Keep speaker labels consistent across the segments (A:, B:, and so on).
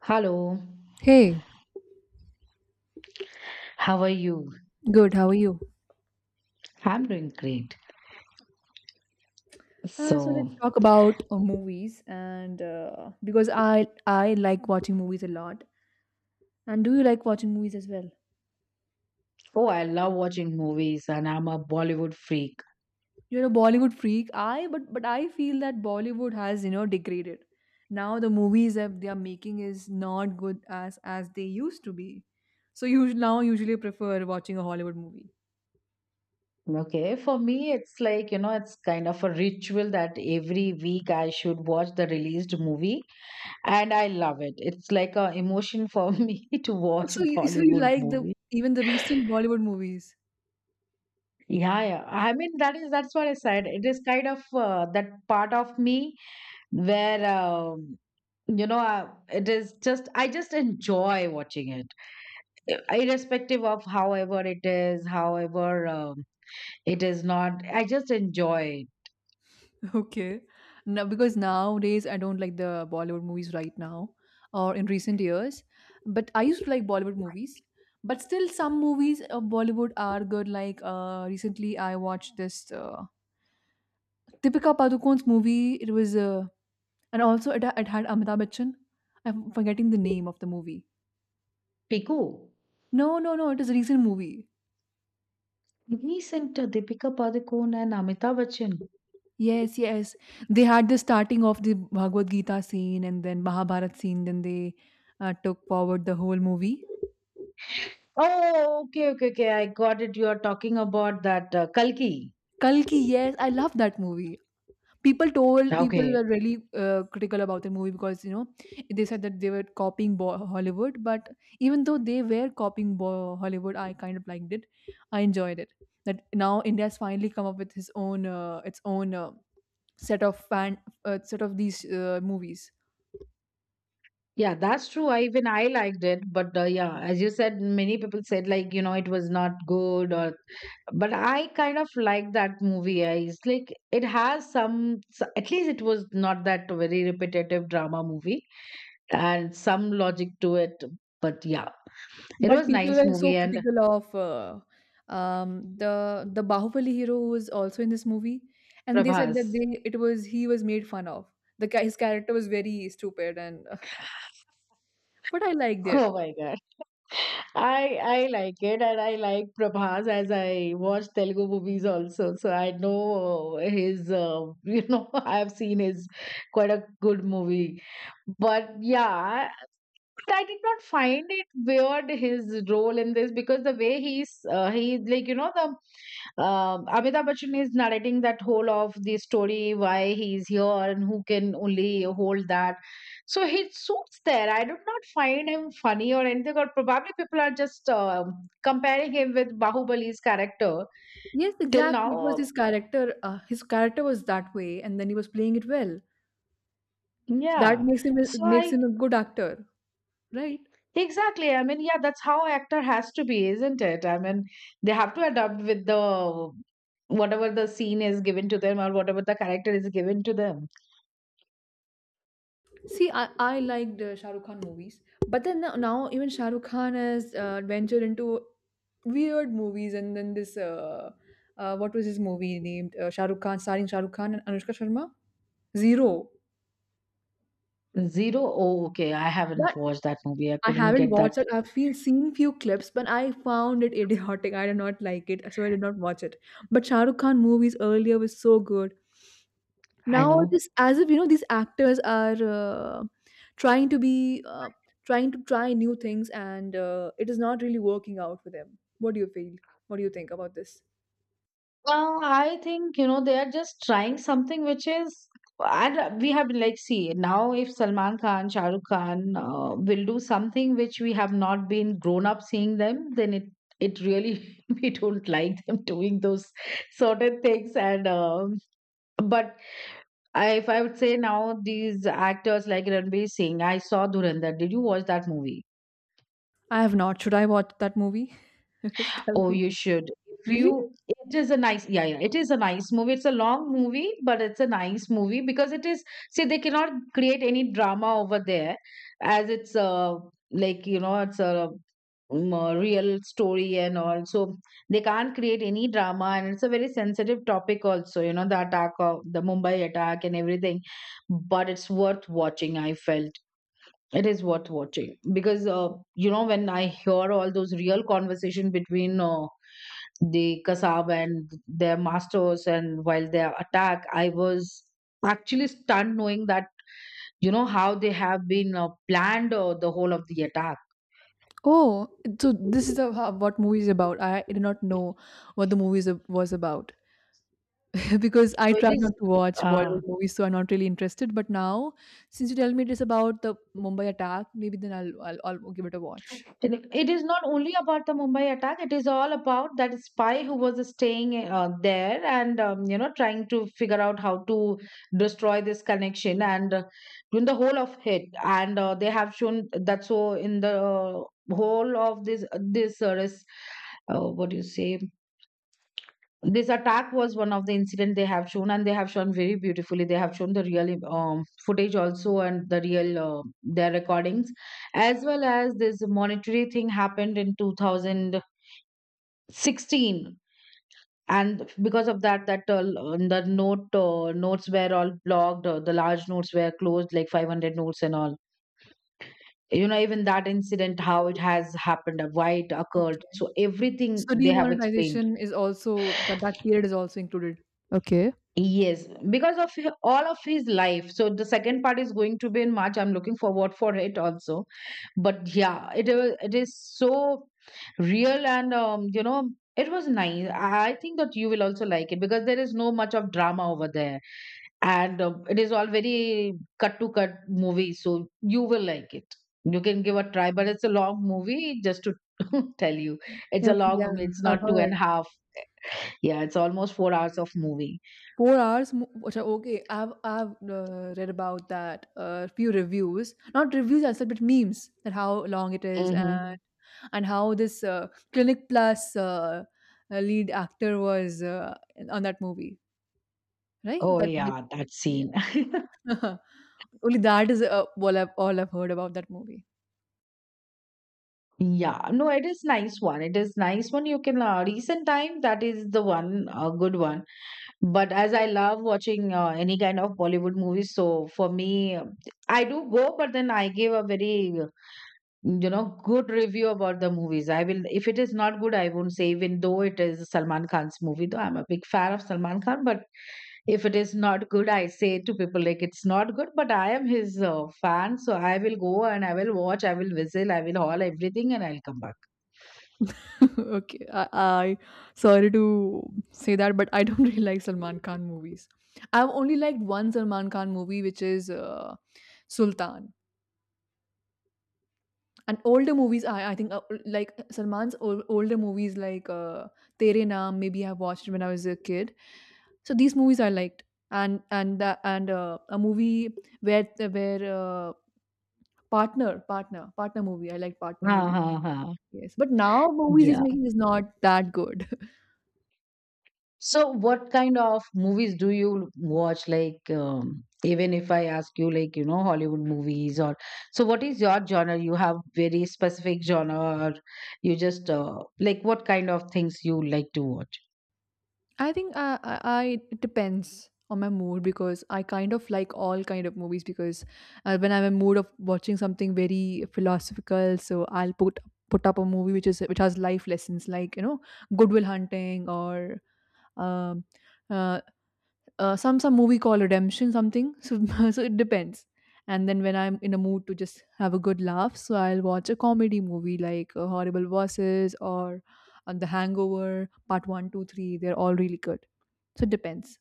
A: Hello,
B: Hey,
A: how are you?
B: good. How are you?
A: I'm doing great.
B: So
A: So,
B: let's talk about movies, and because I like watching movies a lot. And do you like watching movies as well?
A: oh, I love watching movies and I'm a Bollywood freak.
B: You're a Bollywood freak. I but I feel that Bollywood has degraded. Now the movies that they are making is not good as they used to be. So you now usually prefer watching a Hollywood movie.
A: Okay, for me, it's like, it's kind of a ritual that every week I should watch the released movie and I love it. It's like a emotion for me to
B: Oh,
A: watch
B: so you
A: Bollywood
B: like the
A: movie.
B: even the recent Bollywood movies?
A: Yeah, yeah. I mean, that's what I said. It is kind of that part of me where it is just I just enjoy watching it. Irrespective of however it is not. I just enjoy
B: Okay. Now, because nowadays I don't like the Bollywood movies right now or in recent years, but I used to like Bollywood movies. But still, some movies of Bollywood are good. Like, recently, I watched this Deepika Padukone's movie. It was, and also it had Amitabh Bachchan. I'm forgetting the name of the movie.
A: Piku.
B: No, no, no. It is a recent movie.
A: Recent Deepika Padukone and Amitabh Bachchan.
B: Yes, yes. They had the starting of the Bhagavad Gita scene and then Mahabharat scene. Then they took forward the whole movie.
A: Oh, okay, okay, okay. I got it. You are talking about that Kalki.
B: Kalki, yes, I love that movie. People told people were
A: Okay.
B: really critical about the movie because they said that they were copying Bo- Hollywood, but even though they were copying Bo- Hollywood, I kind of liked it. I enjoyed it. That now India has finally come up with his own, its own set of fan set of these movies.
A: Yeah, that's true. I even I liked it, but yeah, as you said, many people said like it was not good or. But I kind of like that movie. It's like it has some, at least it was not that very repetitive drama movie and some logic to it. But yeah, it
B: But
A: was
B: people
A: nice
B: were
A: movie
B: so
A: and
B: critical of the Bahubali hero who was also in this movie, and they said that
A: Prabhas.
B: they it was he was made fun of. His character was very stupid, and but I liked
A: Oh
B: it.
A: my god. I like it and I like Prabhas as I watch Telugu movies also. So I know his I've seen his quite a good movie. But yeah, I did not find it weird his role in this because the way he, like, the Amitabh Bachchan is narrating that whole of the story, why he is here and who can only hold that. So he suits there. I did not find him funny or anything, or probably people are just comparing him with Bahubali's character
B: Yes,
A: till
B: exactly. It was
A: now.
B: his character. His character was that way, and then he was playing it well. So that
A: Yeah. So
B: makes
A: I
B: him a good actor, right?
A: Exactly. I mean, yeah, that's how actor has to be, isn't it? I mean, they have to adapt with the whatever the scene is given to them or whatever the character is given to them.
B: See, I liked Shah Rukh Khan movies, but then now even Shah Rukh Khan has ventured into weird movies, and then this, what was his movie named, Shah Rukh Khan, starring Shah Rukh Khan and Anushka Sharma, Zero.
A: Zero? Oh, okay. I
B: But
A: haven't watched that movie. I
B: I
A: couldn't
B: haven't
A: get
B: watched
A: that.
B: it. I've seen few clips, but I found it idiotic. I did not like it, so I did not watch it. But Shah Rukh Khan movies earlier was so good.
A: I
B: Now it
A: know.
B: is as if these actors are trying to be uh, trying to try new things, and it is not really working out for them. What do you think about this?
A: Well, I think, they are just trying something which is. And we have, like, see, now if Salman Khan, Shah Rukh Khan will do something which we have not been grown up seeing them, then it really we don't like them doing those sort of things and but if I would say now these actors like Ranbir Singh, I saw Dhurandhar. Did you watch that movie?
B: I have not. Should I watch that movie? Tell
A: Oh,
B: me.
A: you should. If
B: Really?
A: you, it is a nice, Yeah, yeah, it is a nice movie. It's a long movie, but it's a nice movie because it is, see, they cannot create any drama over there as it's like, it's a real story and all. So they can't create any drama and it's a very sensitive topic also, the attack of the Mumbai attack and everything. But it's worth watching, I felt. It is worth watching because, when I hear all those real conversation between the Kasab and their masters and while their attack I was actually stunned knowing that how they have been planned the whole of the attack.
B: Oh, so this is a, what movie is about? I did not know what the movie was about. Because I
A: so it
B: try
A: is
B: not to watch
A: uh,
B: Bollywood movies, so I'm not really interested, but now since you tell me it is about the Mumbai attack, maybe then I'll give it a watch.
A: it is not only about the Mumbai attack. It is all about that spy who was staying there and trying to figure out how to destroy this connection, and in the whole of it. And they have shown that. So in the whole of this what do you say, this attack was one of the incident they have shown, and they have shown very beautifully. They have shown the real footage also and their recordings, as well as this monetary thing happened in 2016. And because of that the notes were all blocked, the large notes were closed like 500 notes and all. Even that incident, how it has happened, why it occurred,
B: Okay.
A: so everything
B: So
A: they have explained.
B: demonetization is also, that period is also included. Okay.
A: Yes, because of all of his life. So the second part is going to be in March. I'm looking forward for it also. But yeah, it is so real and it was nice. I think that you will also like it because there is no much of drama over there, and it is all very cut to cut movie. So you will like it. You can give a try, but it's a long movie. Just to tell you, it's a
B: Okay,
A: long
B: yeah,
A: movie. It's
B: I've
A: not two and
B: heard.
A: a half. Yeah, it's almost 4 hours of movie.
B: 4 hours. Mo- which are Okay, I've read about that. A few reviews, not reviews as such, but memes that how long it is, and
A: Hmm.
B: and how this Clinic Plus lead actor was, on that movie, right?
A: Oh yeah, that scene.
B: Only that is all I've heard about that movie.
A: Yeah, no, it is nice one. It is nice one. You can recent time, that is the one good one. But as I love watching any kind of Bollywood movies, so for me, I do go, but then I give a very good review about the movies. I will If it is not good, I won't say. Even though it is Salman Khan's movie, though I'm a big fan of Salman Khan, but if it is not good, I say to people like it's not good, but I am his fan, so I will go and I will watch, I will whistle, I will haul everything, and I'll come back.
B: Okay, I sorry to say that, but I don't really like Salman Khan movies. I've only liked one Salman Khan movie, which is Sultan. And older movies, I think, like Salman's older movies like Tere Naam. Maybe I watched when I was a kid. So these movies I liked, and a movie where partner partner movie. I like partner
A: Ha
B: movie.
A: ha ha.
B: Yes, but now movies he's
A: Yeah,
B: making is not that good.
A: so what kind of movies do you watch, like, even if I ask you like, Hollywood movies, or so what is your genre? You have very specific genre, or you just like, what kind of things you like to watch?
B: I think, I it depends on my mood because I kind of like all kind of movies because, when I'm in mood of watching something very philosophical, so I'll put up a movie which has life lessons like Goodwill Hunting, or um, uh, some movie called Redemption something. So so it depends. And then when I'm in a mood to just have a good laugh, so I'll watch a comedy movie like Horrible Bosses, or The Hangover Part One, Two, Three. They're all really good. So it depends.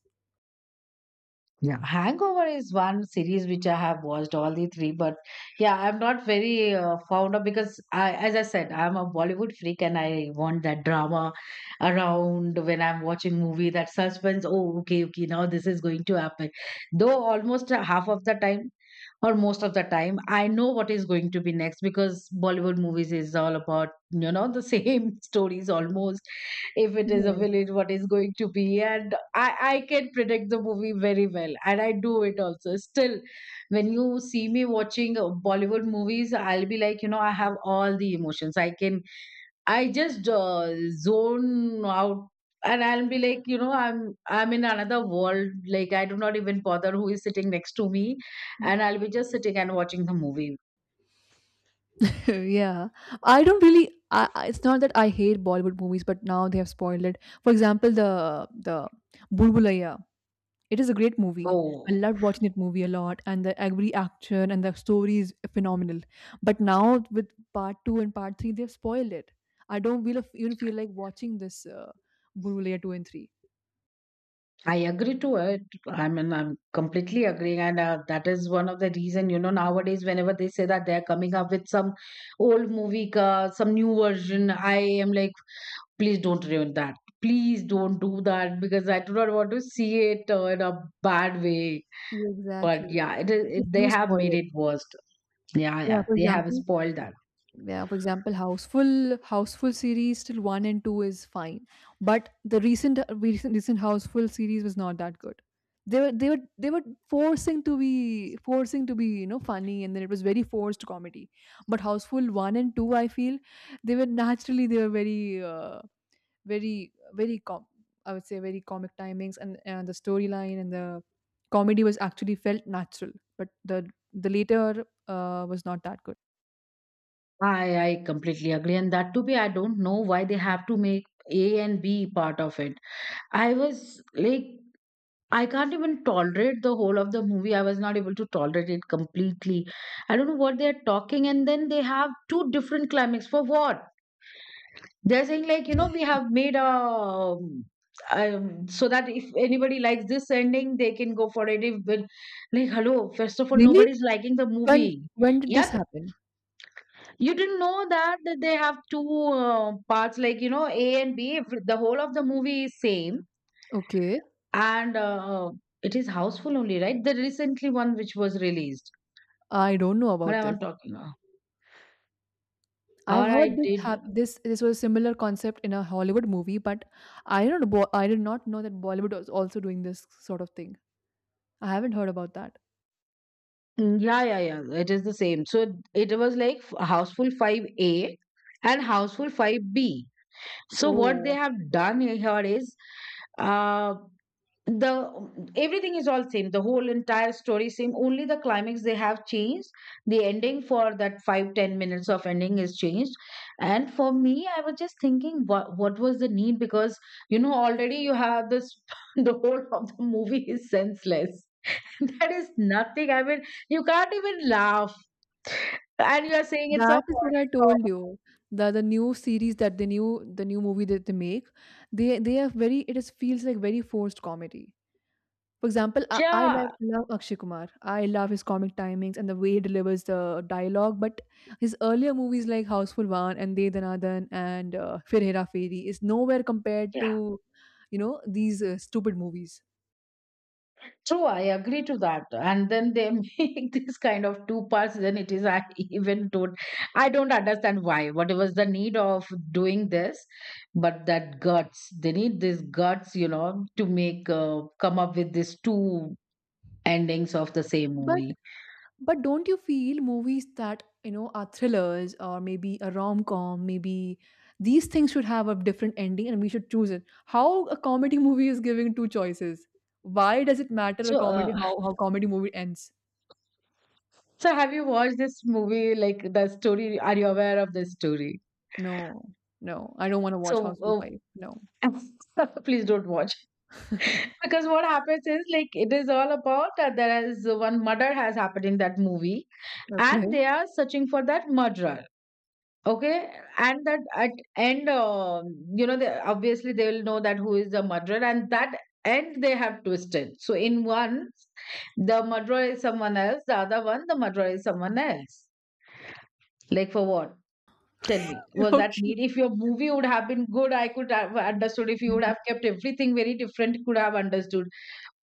A: Yeah, Hangover is one series which I have watched all the three, but yeah, I'm not very fond of because as I said, I'm a Bollywood freak and I want that drama around when I'm watching movie, that suspense. Oh, okay, okay, now this is going to happen. Though almost half of the time or most of the time, I know what is going to be next because Bollywood movies is all about the same stories almost, if it is a
B: Yes.
A: villain what is going to be and I can predict the movie very well, and I do it also. Still, when you see me watching Bollywood movies, I'll be like I have all the emotions. I just zone out, and I'll be like I'm in another world. Like, I do not even bother who is sitting next to me, and I'll be just sitting and watching the movie.
B: Yeah, I don't really. It's not that I hate Bollywood movies, but now they have spoiled it. For examul, the Bulbulaya. It is a great movie. I
A: Oh.
B: loved watching that movie a lot, and the every action and the story is phenomenal. But now with part two and part three, they've spoiled it. I don't feel even feel like watching this Buru Layer two and three.
A: I agree to it. I mean, I'm completely agreeing, and that is one of the reason. Nowadays, whenever they say that they are coming up with some old movie, ka, some new version, I am like, please don't ruin that. Please don't do that because I do not want to see it in a bad way.
B: Yeah,
A: But
B: exactly,
A: yeah, it is.
B: they
A: They
B: do
A: have
B: spoil
A: made
B: it.
A: it worse. Yeah,
B: Yeah,
A: yeah,
B: for
A: they have
B: example,
A: spoiled that.
B: yeah, for example, Houseful, Houseful series till one and two is fine, but the recent Houseful series was not that good. They were forcing to be funny, and then it was very forced comedy. But Houseful one and two, I feel they were very very very com- I would say very comic timings, and the storyline, and the comedy was actually felt natural, but the later was not that good.
A: I completely agree, and that to be, I don't know why they have to make A and B part of it. I was like I can't even tolerate the whole of the movie. I was not able to tolerate it completely. I don't know what they're talking, and then they have two different climax. For what? They're saying, like, we have made a. So that if anybody likes this ending, they can go for it. If like, hello, first of all,
B: Really?
A: nobody's liking the
B: When
A: movie.
B: when did this
A: Yep,
B: happen?
A: you didn't know that they have two parts, like, A and B. If the whole of the movie is same,
B: Okay,
A: and it is houseful only, right? The recently one which was released.
B: I don't know
A: What
B: about
A: am
B: this.
A: I talking about?
B: I've
A: Or
B: heard
A: I
B: this
A: did.
B: hap- this was a similar concept in a Hollywood movie, but I don't know. I did not know that Bollywood was also doing this sort of thing. I haven't heard about that.
A: Mm, yeah, yeah, yeah. It is the same. So it was like houseful 5A and houseful 5B. So what they
B: Oh,
A: have done here is. uh, the everything is all same, the whole entire story same, only the climax they have changed. The ending for that 5-10 minutes of ending is changed. And for me, I was just thinking, what was the need, because already you have this. The whole of the movie is senseless. That is nothing. I mean, you can't even laugh, and you are saying it's a
B: that is what I
A: horror
B: told you. The new series, that the new movie that they make, they have, very it is feels like very forced comedy. For example, I,
A: film.
B: I
A: Yeah.
B: love, love Akshay Kumar. I love his comic timings and the way he delivers the dialogue. But his earlier movies like Houseful One and De Danadan and Fir Hera Feri is nowhere compared to, these stupid movies.
A: True, I agree to that. And then they make this kind of two parts, then it is, I, even don't, I don't understand why. What was the need of doing this? But that guts, they need this guts, to make come up with these two endings of the same
B: But
A: movie.
B: but don't you feel movies that are thrillers or maybe a rom com, maybe these things should have a different ending and we should choose it? How a comedy movie is giving two choices? Why does it matter a
A: So
B: comedy
A: uh,
B: how comedy movie ends?
A: so have you watched this movie, like, the story? Are you aware of the story?
B: No, no, I don't wanna watch
A: So
B: Housewife. No.
A: uh, please don't watch. Because what happens is like it is all about that. There is one murder has happened in that movie, and
B: Okay.
A: they are searching for that murderer. Okay, and that at end, you know, they, obviously they will know that who is the murderer, and that end they have twisted. So in one, the murderer is someone else; the other one, the murderer is someone else. Like for what? Tell me, was that
B: Okay.
A: need? If your movie would have been good, I could have understood. If you would have kept everything very different, could have understood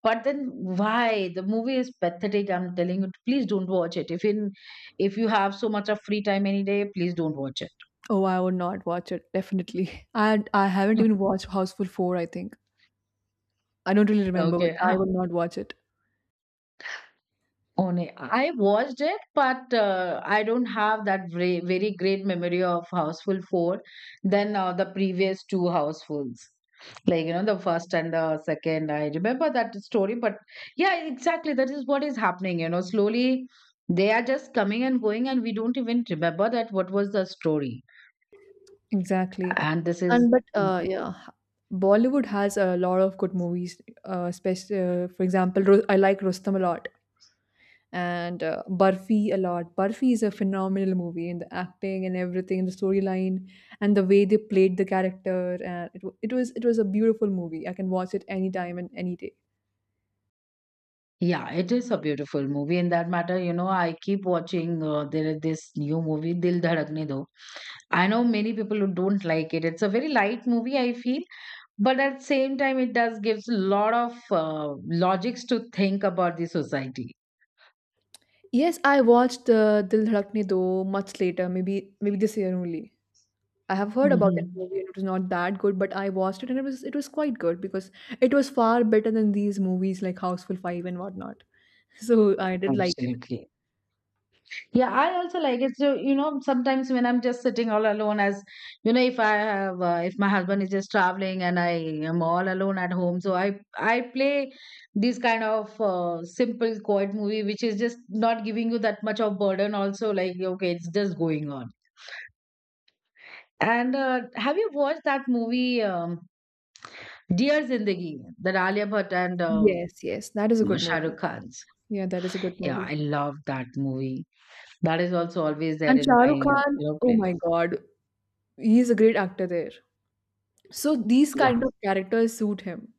A: but then why? The movie is pathetic. I'm telling you, please don't watch it. If in if you have so much of free time any day, please don't watch it.
B: Oh, I would not watch it, definitely. And I haven't even
A: Mm.
B: watched Houseful 4, I think. I don't really remember, but
A: Okay.
B: I would not watch it.
A: Only I watched it, but I don't have that very, very great memory of Houseful 4 than the previous two Housefuls. Like, you know, the first and the second. I remember that story, but yeah, exactly. That is what is happening. You know, slowly they are just coming and going, and we don't even remember that what was the story.
B: Exactly.
A: And this is
B: And but, yeah, Bollywood has a lot of good movies, especially, for example, Ru I like Rustam a lot. And Barfi a lot. Barfi is a phenomenal movie in the acting and everything, in the storyline and the way they played the character. And it was a beautiful movie. I can watch it anytime and any day.
A: yeah it is a beautiful movie in that matter. You know I keep watching there is this new movie Dil Dhadakne Do. I know many people who don't like it. It's a very light movie I feel, but at the same time it does gives a lot of logics to think about the society.
B: Yes, I watched Dil Dhadakne Do much later, maybe this year only. I have heard about
A: Hmm.
B: that movie and it was not that good, but I watched it and it was quite good because it was far better than these movies like Houseful Five and whatnot. So I did like it.
A: Absolutely. Yeah, I also like it. So, you know, sometimes when I'm just sitting all alone, as you know, if I have, if my husband is just traveling and I am all alone at home, so I play these kind of simple, quiet movie, which is just not giving you that much of burden. Also, like okay, it's just going on. And have you watched that movie, Dear Zindagi, that Alia Bhatt and
B: Yes, yes, that is a good
A: Shah Rukh
B: movie.
A: Khan's?
B: Yeah, that is a good
A: Yeah,
B: movie.
A: I love that movie. That is also always there
B: And
A: in
B: Shah
A: my
B: Rukh
A: you
B: Khan,
A: know
B: oh my
A: playlist.
B: God, he is a great actor there. So these
A: Yeah.
B: kind of characters suit him,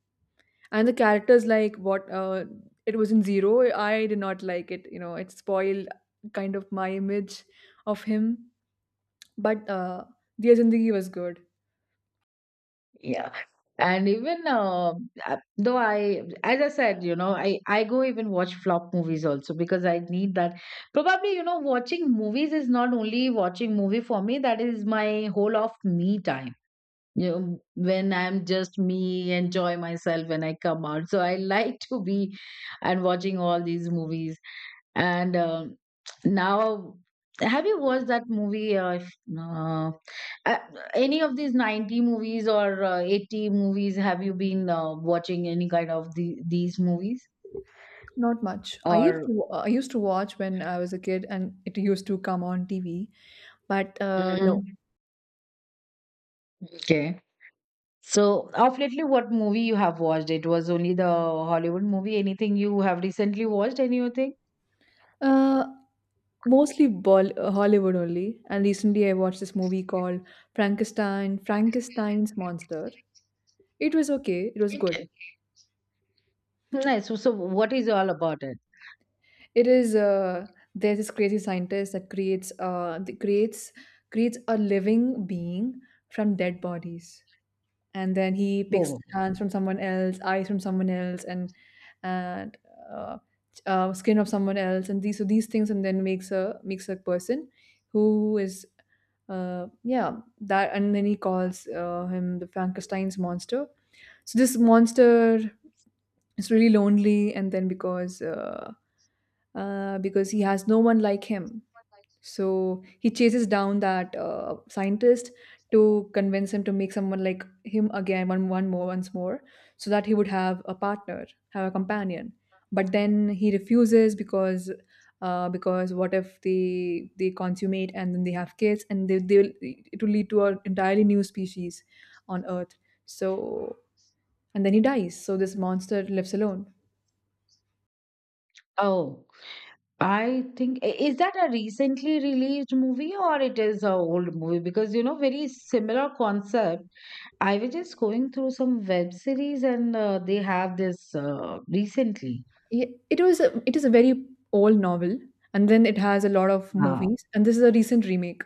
B: and the characters like what it was in Zero, I did not like it. You know, it spoiled kind of my image of him, but Diya Zindagi was good.
A: Yeah. And even though I, as I said, you know, I go even watch flop movies also because I need that. Probably, you know, watching movies is not only watching movie for me. That is my whole of me time. You know, when I'm just me, enjoy myself when I come out. So I like to be and watching all these movies and now, have you watched that movie? If, uh, uh, any of these 90s movies or 80s movies? Have you been watching any kind of the, these movies?
B: Not much. I used
A: Or
B: to I used to watch when I was a kid, and it used to come on TV, but no,
A: mhm. Okay. So, of lately, what movie you have watched? It was only the Hollywood movie. Anything you have recently watched? Anything?
B: uh, mostly Hollywood only. And recently, I watched this movie called Frankenstein, Frankenstein's Monster. It was okay. It was good.
A: Okay. Nice. So, so what is all about it?
B: It is there's this crazy scientist that creates creates a living being from dead bodies. And then he picks
A: Oh,
B: hands from someone else, eyes from someone else, and uh, skin of someone else, and these things, and then makes a person who is, and then he calls him the Frankenstein's monster. So this monster is really lonely, and then because he has no one like him, so he chases down that scientist to convince him to make someone like him again, one more, once more, so that he would have a partner, have a companion. But then he refuses because what if they consummate and then they have kids and it will lead to an entirely new species on Earth. So and then he dies. So this monster lives alone.
A: oh. I think is that a recently released movie or it is a old movie because you know very similar concept. I was just going through some web series and they have this recently.
B: Yeah, it was a it is a very old novel, and then it has a lot of
A: Uh,
B: movies, and this is a recent remake.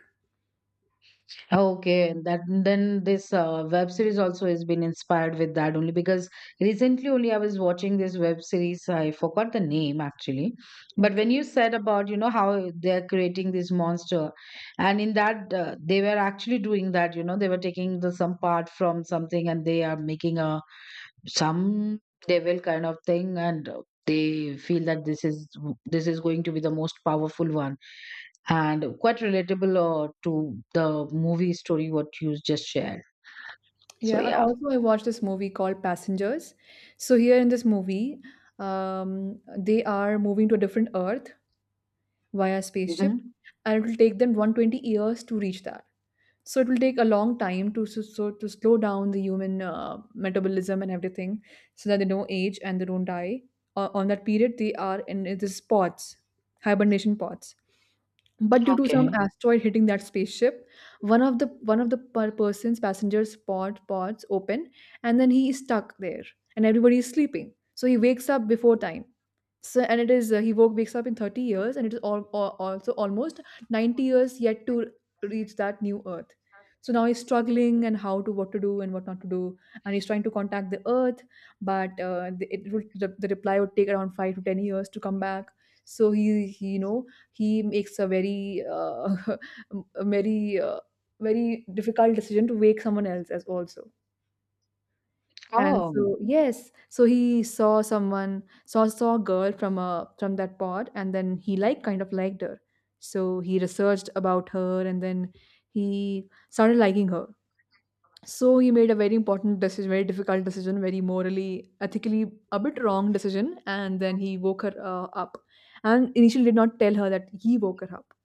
A: Okay, and that then this web series also has been inspired with that only because recently only I was watching this web series. I forgot the name actually, but
B: Okay.
A: when you said about you know how they're creating this monster, and in that they were actually doing that. You know they were taking the some part from something and they are making a some devil kind of thing and they feel that this is going to be the most powerful one and quite relatable to the movie story what you just shared. So
B: Yeah, and
A: yeah.
B: also I watched this movie called Passengers. So here in this movie, they are moving to a different Earth via spaceship,
A: Hmm,
B: and it will take them 120 years to reach that. So it will take a long time to to slow down the human metabolism and everything, so that they don't age and they don't die. On that period, they are in these pods, hibernation pods. But due to some
A: okay,
B: asteroid hitting that spaceship, one of the one of the person's passengers pods open, and then he is stuck there, and everybody is sleeping, so he wakes up before time. So, and it is uh, he woke wakes up in 30 years, and it is also almost 90 years yet to reach that new Earth. So now he's struggling and how to what to do and what not to do, and he's trying to contact the Earth, but it would the reply would take around 5 to 10 years to come back. So he he makes a very a very difficult decision to wake someone else as also. And
A: oh.
B: so yes, so he saw someone saw saw a girl from a from that pod, and then he like kind of liked her. So he researched about her, and then he started liking her. So he made a very important decision, very difficult decision, very morally, ethically a bit wrong decision, and then he woke her up. And initially did not tell her that he woke her up.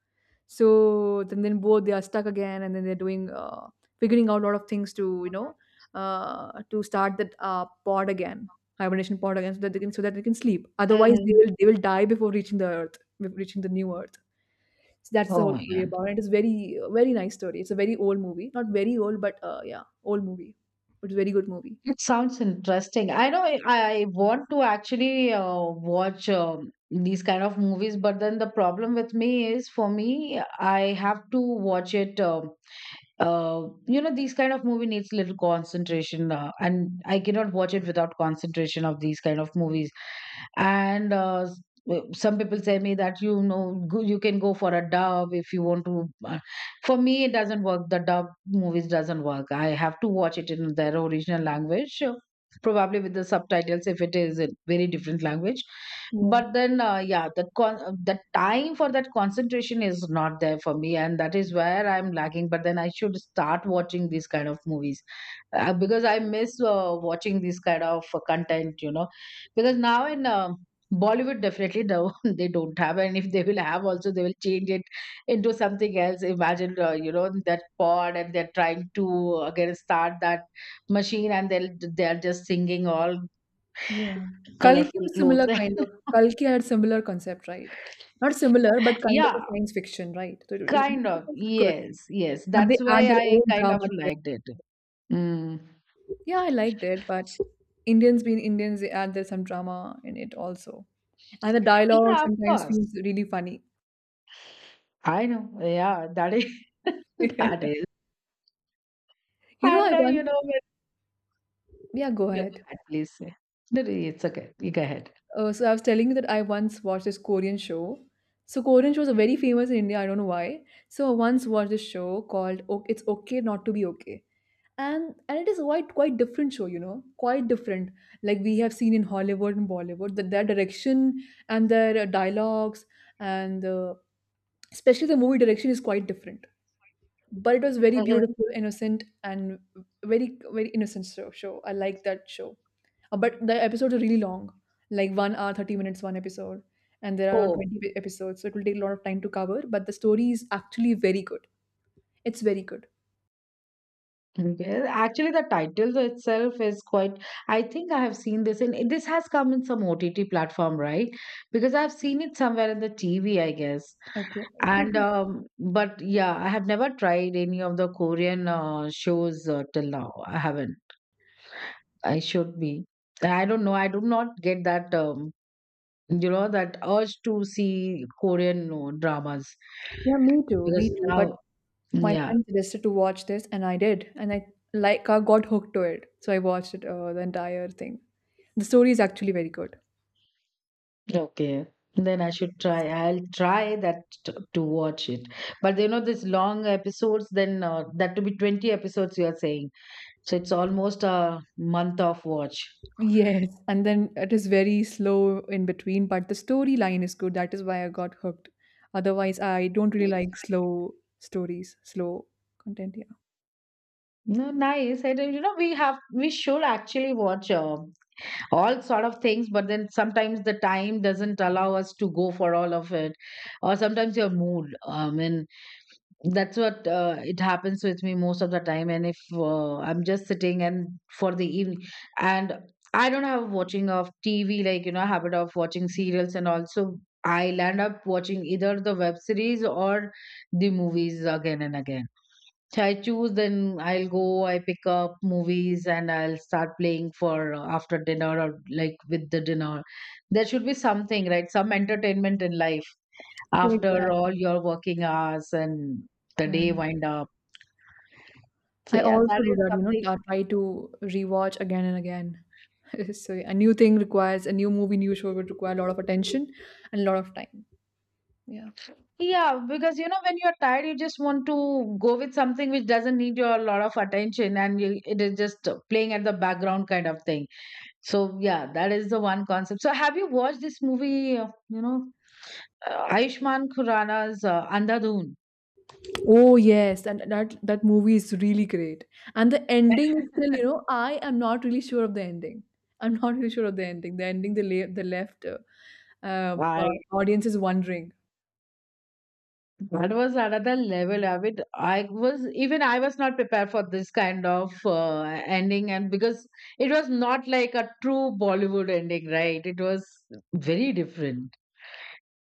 B: Then both they are stuck again, and then they're doing figuring out a lot of things to to start that pod again, hibernation pod again, so that they can sleep. Otherwise,
A: Mhm.
B: they will die before reaching the earth, before reaching the new earth. So that's the
A: Oh
B: whole
A: my
B: story
A: God.
B: about it. It's very nice story. It's a very old movie, not very old, but yeah, old movie. But very good movie.
A: It sounds interesting. I know I want to actually watch these kind of movies, but then the problem with me is for me, I have to watch it. You know these kind of movie needs little concentration and I cannot watch it without concentration of these kind of movies and some people say me that you know go, you can go for a dub if you want to for me it doesn't work. The dub movies doesn't work. I have to watch it in their original language, probably with the subtitles if it is a very different language,
B: Yeah,
A: but then yeah the the time for that concentration is not there for me and that is where I'm lacking. But then I should start watching these kind of movies, because I miss watching this kind of content you know, because now in Bollywood definitely no, they don't have, and if they will have also they will change it into something else. Imagine you know that pod and they're trying to again start that machine and they'll they're just singing all
B: yeah. Kalki
A: colorful
B: was
A: clothes.
B: similar kind of. Kalki had similar concept, right? Not similar, but kind of a
A: Yeah,
B: science fiction, right? It
A: kind of.
B: was good.
A: Yes, yes,
B: But they
A: that's
B: add
A: why
B: their
A: I
B: own
A: kind of
B: drama to it.
A: liked it. Mm.
B: Yeah, I liked it, but Indians being Indians, they add their some drama in it also. And the dialogue
A: Yeah, of
B: sometimes
A: course.
B: feels really funny.
A: I know, yeah, that is that is
B: You know,
A: and
B: I
A: you
B: once,
A: know when,
B: yeah, go
A: yeah, go
B: ahead.
A: ahead, please. No, no, it's okay, you go ahead.
B: So I was telling you that I once watched this Korean show. So Korean shows are very famous in India. I don't know why. So I once watched this show called "It's Okay Not to Be Okay." And it is quite different show, you know, quite different, like we have seen in Hollywood and Bollywood that their direction and their dialogues and especially the movie direction is quite different, but it was very beautiful, innocent, and very very innocent show. I like that show. But the episodes are really long, like 1 hour 30 minutes one episode, and there are around
A: Oh,
B: 20 episodes, so it will take a lot of time to cover, but the story is actually very good. It's very good.
A: okay. Actually, the title itself is quite. I think I have seen this in. This has come in some OTT platform, right? Because I've seen it somewhere in the TV, I guess.
B: Okay.
A: And
B: It
A: but yeah, I have never tried any of the Korean shows till now. I haven't. I should be. I don't know. I do not get that. You know that urge to see Korean dramas
B: was- yeah, me
A: because
B: too, but
A: now,
B: my
A: yeah.
B: friend suggested to watch this, and I did, and I got hooked to it. So I watched it, the entire thing. The story is actually very good.
A: Okay. Then I should try. I'll try to watch it. But you know, these long episodes, then that to be 20 episodes, you are saying. So it's almost a month of watch.
B: Yes, and then it is very slow in between, but the storyline is good. That is why I got hooked. Otherwise, I don't really like slow stories, slow content. Yeah.
A: No, nice. I don't, you know, we should actually watch all sort of things, but then sometimes the time doesn't allow us to go for all of it, or sometimes your mood. I mean, that's what it happens with me most of the time. And if I'm just sitting and for the evening and I don't have watching of TV like you know habit of watching serials and also I land up watching either the web series or the movies again and again. So I choose, then I'll go, I pick up movies and I'll start playing for after dinner or like with the dinner. There should be something right, some entertainment in life
B: Yeah,
A: after
B: exactly.
A: all your working hours and the
B: Yeah.
A: day wind up. So
B: I
A: yeah, that
B: also do
A: is
B: that. You know,
A: something.
B: I try to rewatch again and again. So yeah, a new thing requires a new movie, new show would require a lot of attention and a lot of time. Yeah.
A: Yeah, because you know when you're tired, you just want to go with something which doesn't need your lot of attention, and you, it is just playing at the background kind of thing. So yeah, that is the one concept. So have you watched this movie? You know, Ayushman Khurrana's Andhadhun.
B: Oh yes, and that that movie is really great. And the ending is still, you know, I am not really sure of the ending. I'm not really sure of the ending. The ending, the left
A: I
B: audience is wondering.
A: that was another level of it. I was not prepared for this kind of ending, and because it was not like a true Bollywood ending, right? It was very different,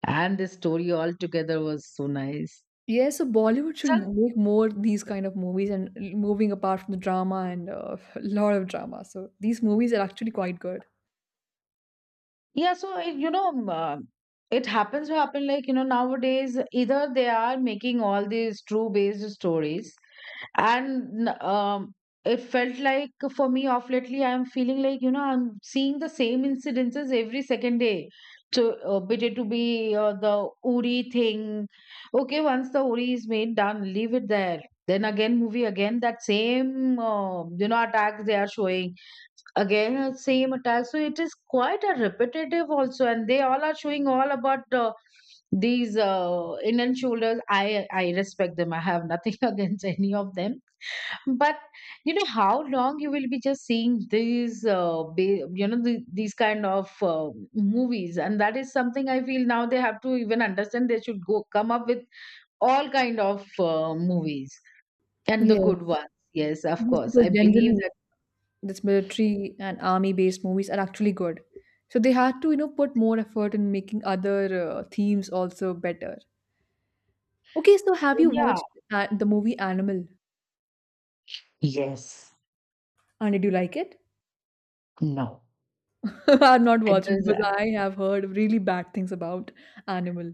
A: and the story altogether was so nice.
B: Yeah, so Bollywood should make more these kind of movies and moving apart from the drama and a lot of drama. So these movies are actually quite good.
A: Yeah, so it, you know, it happens to happen like, you know, nowadays either they are making all these true based stories, and it felt like for me off lately, I'm feeling like, you know, I'm seeing the same incidences every second day. So, bit it to be the Uri thing. Okay, once the Uri is made, done, leave it there. Then again, movie again, that same, you know, attacks they are showing again same attack. So it is quite a repetitive also and they all are showing all about these Indian shoulders. I respect them. I have nothing against any of them, but you know how long you will be just seeing these you know these kind of movies. And that is something I feel now. They have to even understand they should go come up with all kind of movies and the
B: Yes.
A: good ones. Yes of
B: Yes,
A: course
B: because
A: I believe
B: generally
A: that.
B: this military and army based movies are actually good, so they had to, you know, put more effort in making other themes also better. Okay, so have you
A: Yeah.
B: watched the movie Animal,
A: Yes.
B: and did you like it?
A: No.
B: I've not
A: It
B: watched it
A: was,
B: because I have heard really bad things about animal.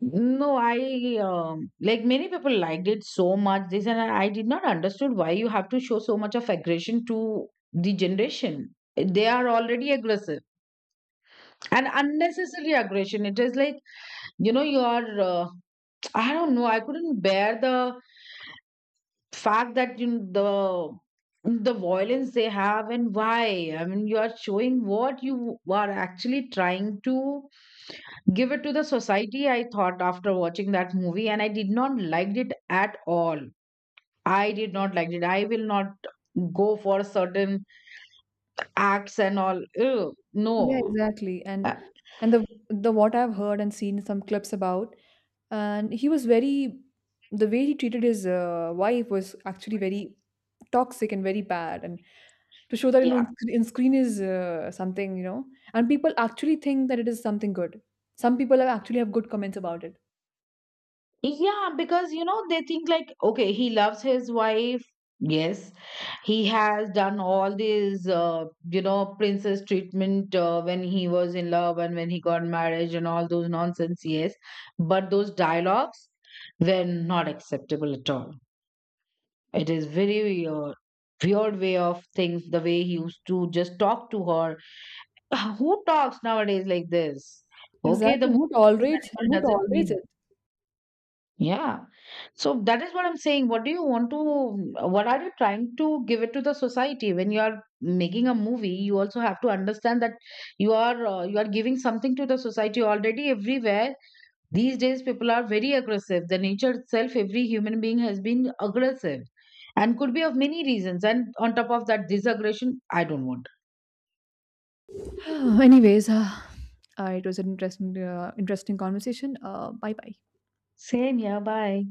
A: no, I like many people liked it so much. They said I did not understood why you have to show so much of aggression to the generation. Eh, they are already aggressive and unnecessary aggression. It is like you know you are. I don't know. I couldn't bear the fact that you know, the violence they have and why. I mean, you are showing what you are actually trying to give it to the society. I thought after watching that movie and I did not liked it at all. I did not like it. I will not go for certain acts and all. Ew,
B: Yeah,
A: no.
B: exactly. and
A: Uh,
B: and the what I've heard and seen some clips about, and he was very, the way he treated his wife was actually very toxic and very bad, and to show that, you know,
A: Yeah.
B: in screen is something, you know, and people actually think that it is something good. Some people have actually have good comments about it.
A: Yeah because you know they think like okay he loves his wife, yes, he has done all these you know princess treatment when he was in love and when he got marriage and all those nonsense. Yes, but those dialogues were not acceptable at all. It is very weird way of things, the way he used to just talk to her. Who talks nowadays like this? Okay,
B: Exactly,
A: the
B: and
A: movie is animal
B: who
A: doesn't
B: tolerates
A: mean.
B: it?
A: Yeah. So that is what I'm saying. What do you want to, what are you trying to give it to the society? When you are making a movie, you also have to understand that you are giving something to the society already. Everywhere these days, people are very aggressive. The nature itself, every human being has been aggressive and could be of many reasons. And on top of that, this aggression, I don't want.
B: Anyways, it was an interesting conversation. Bye, bye.
A: Same, yeah, bye.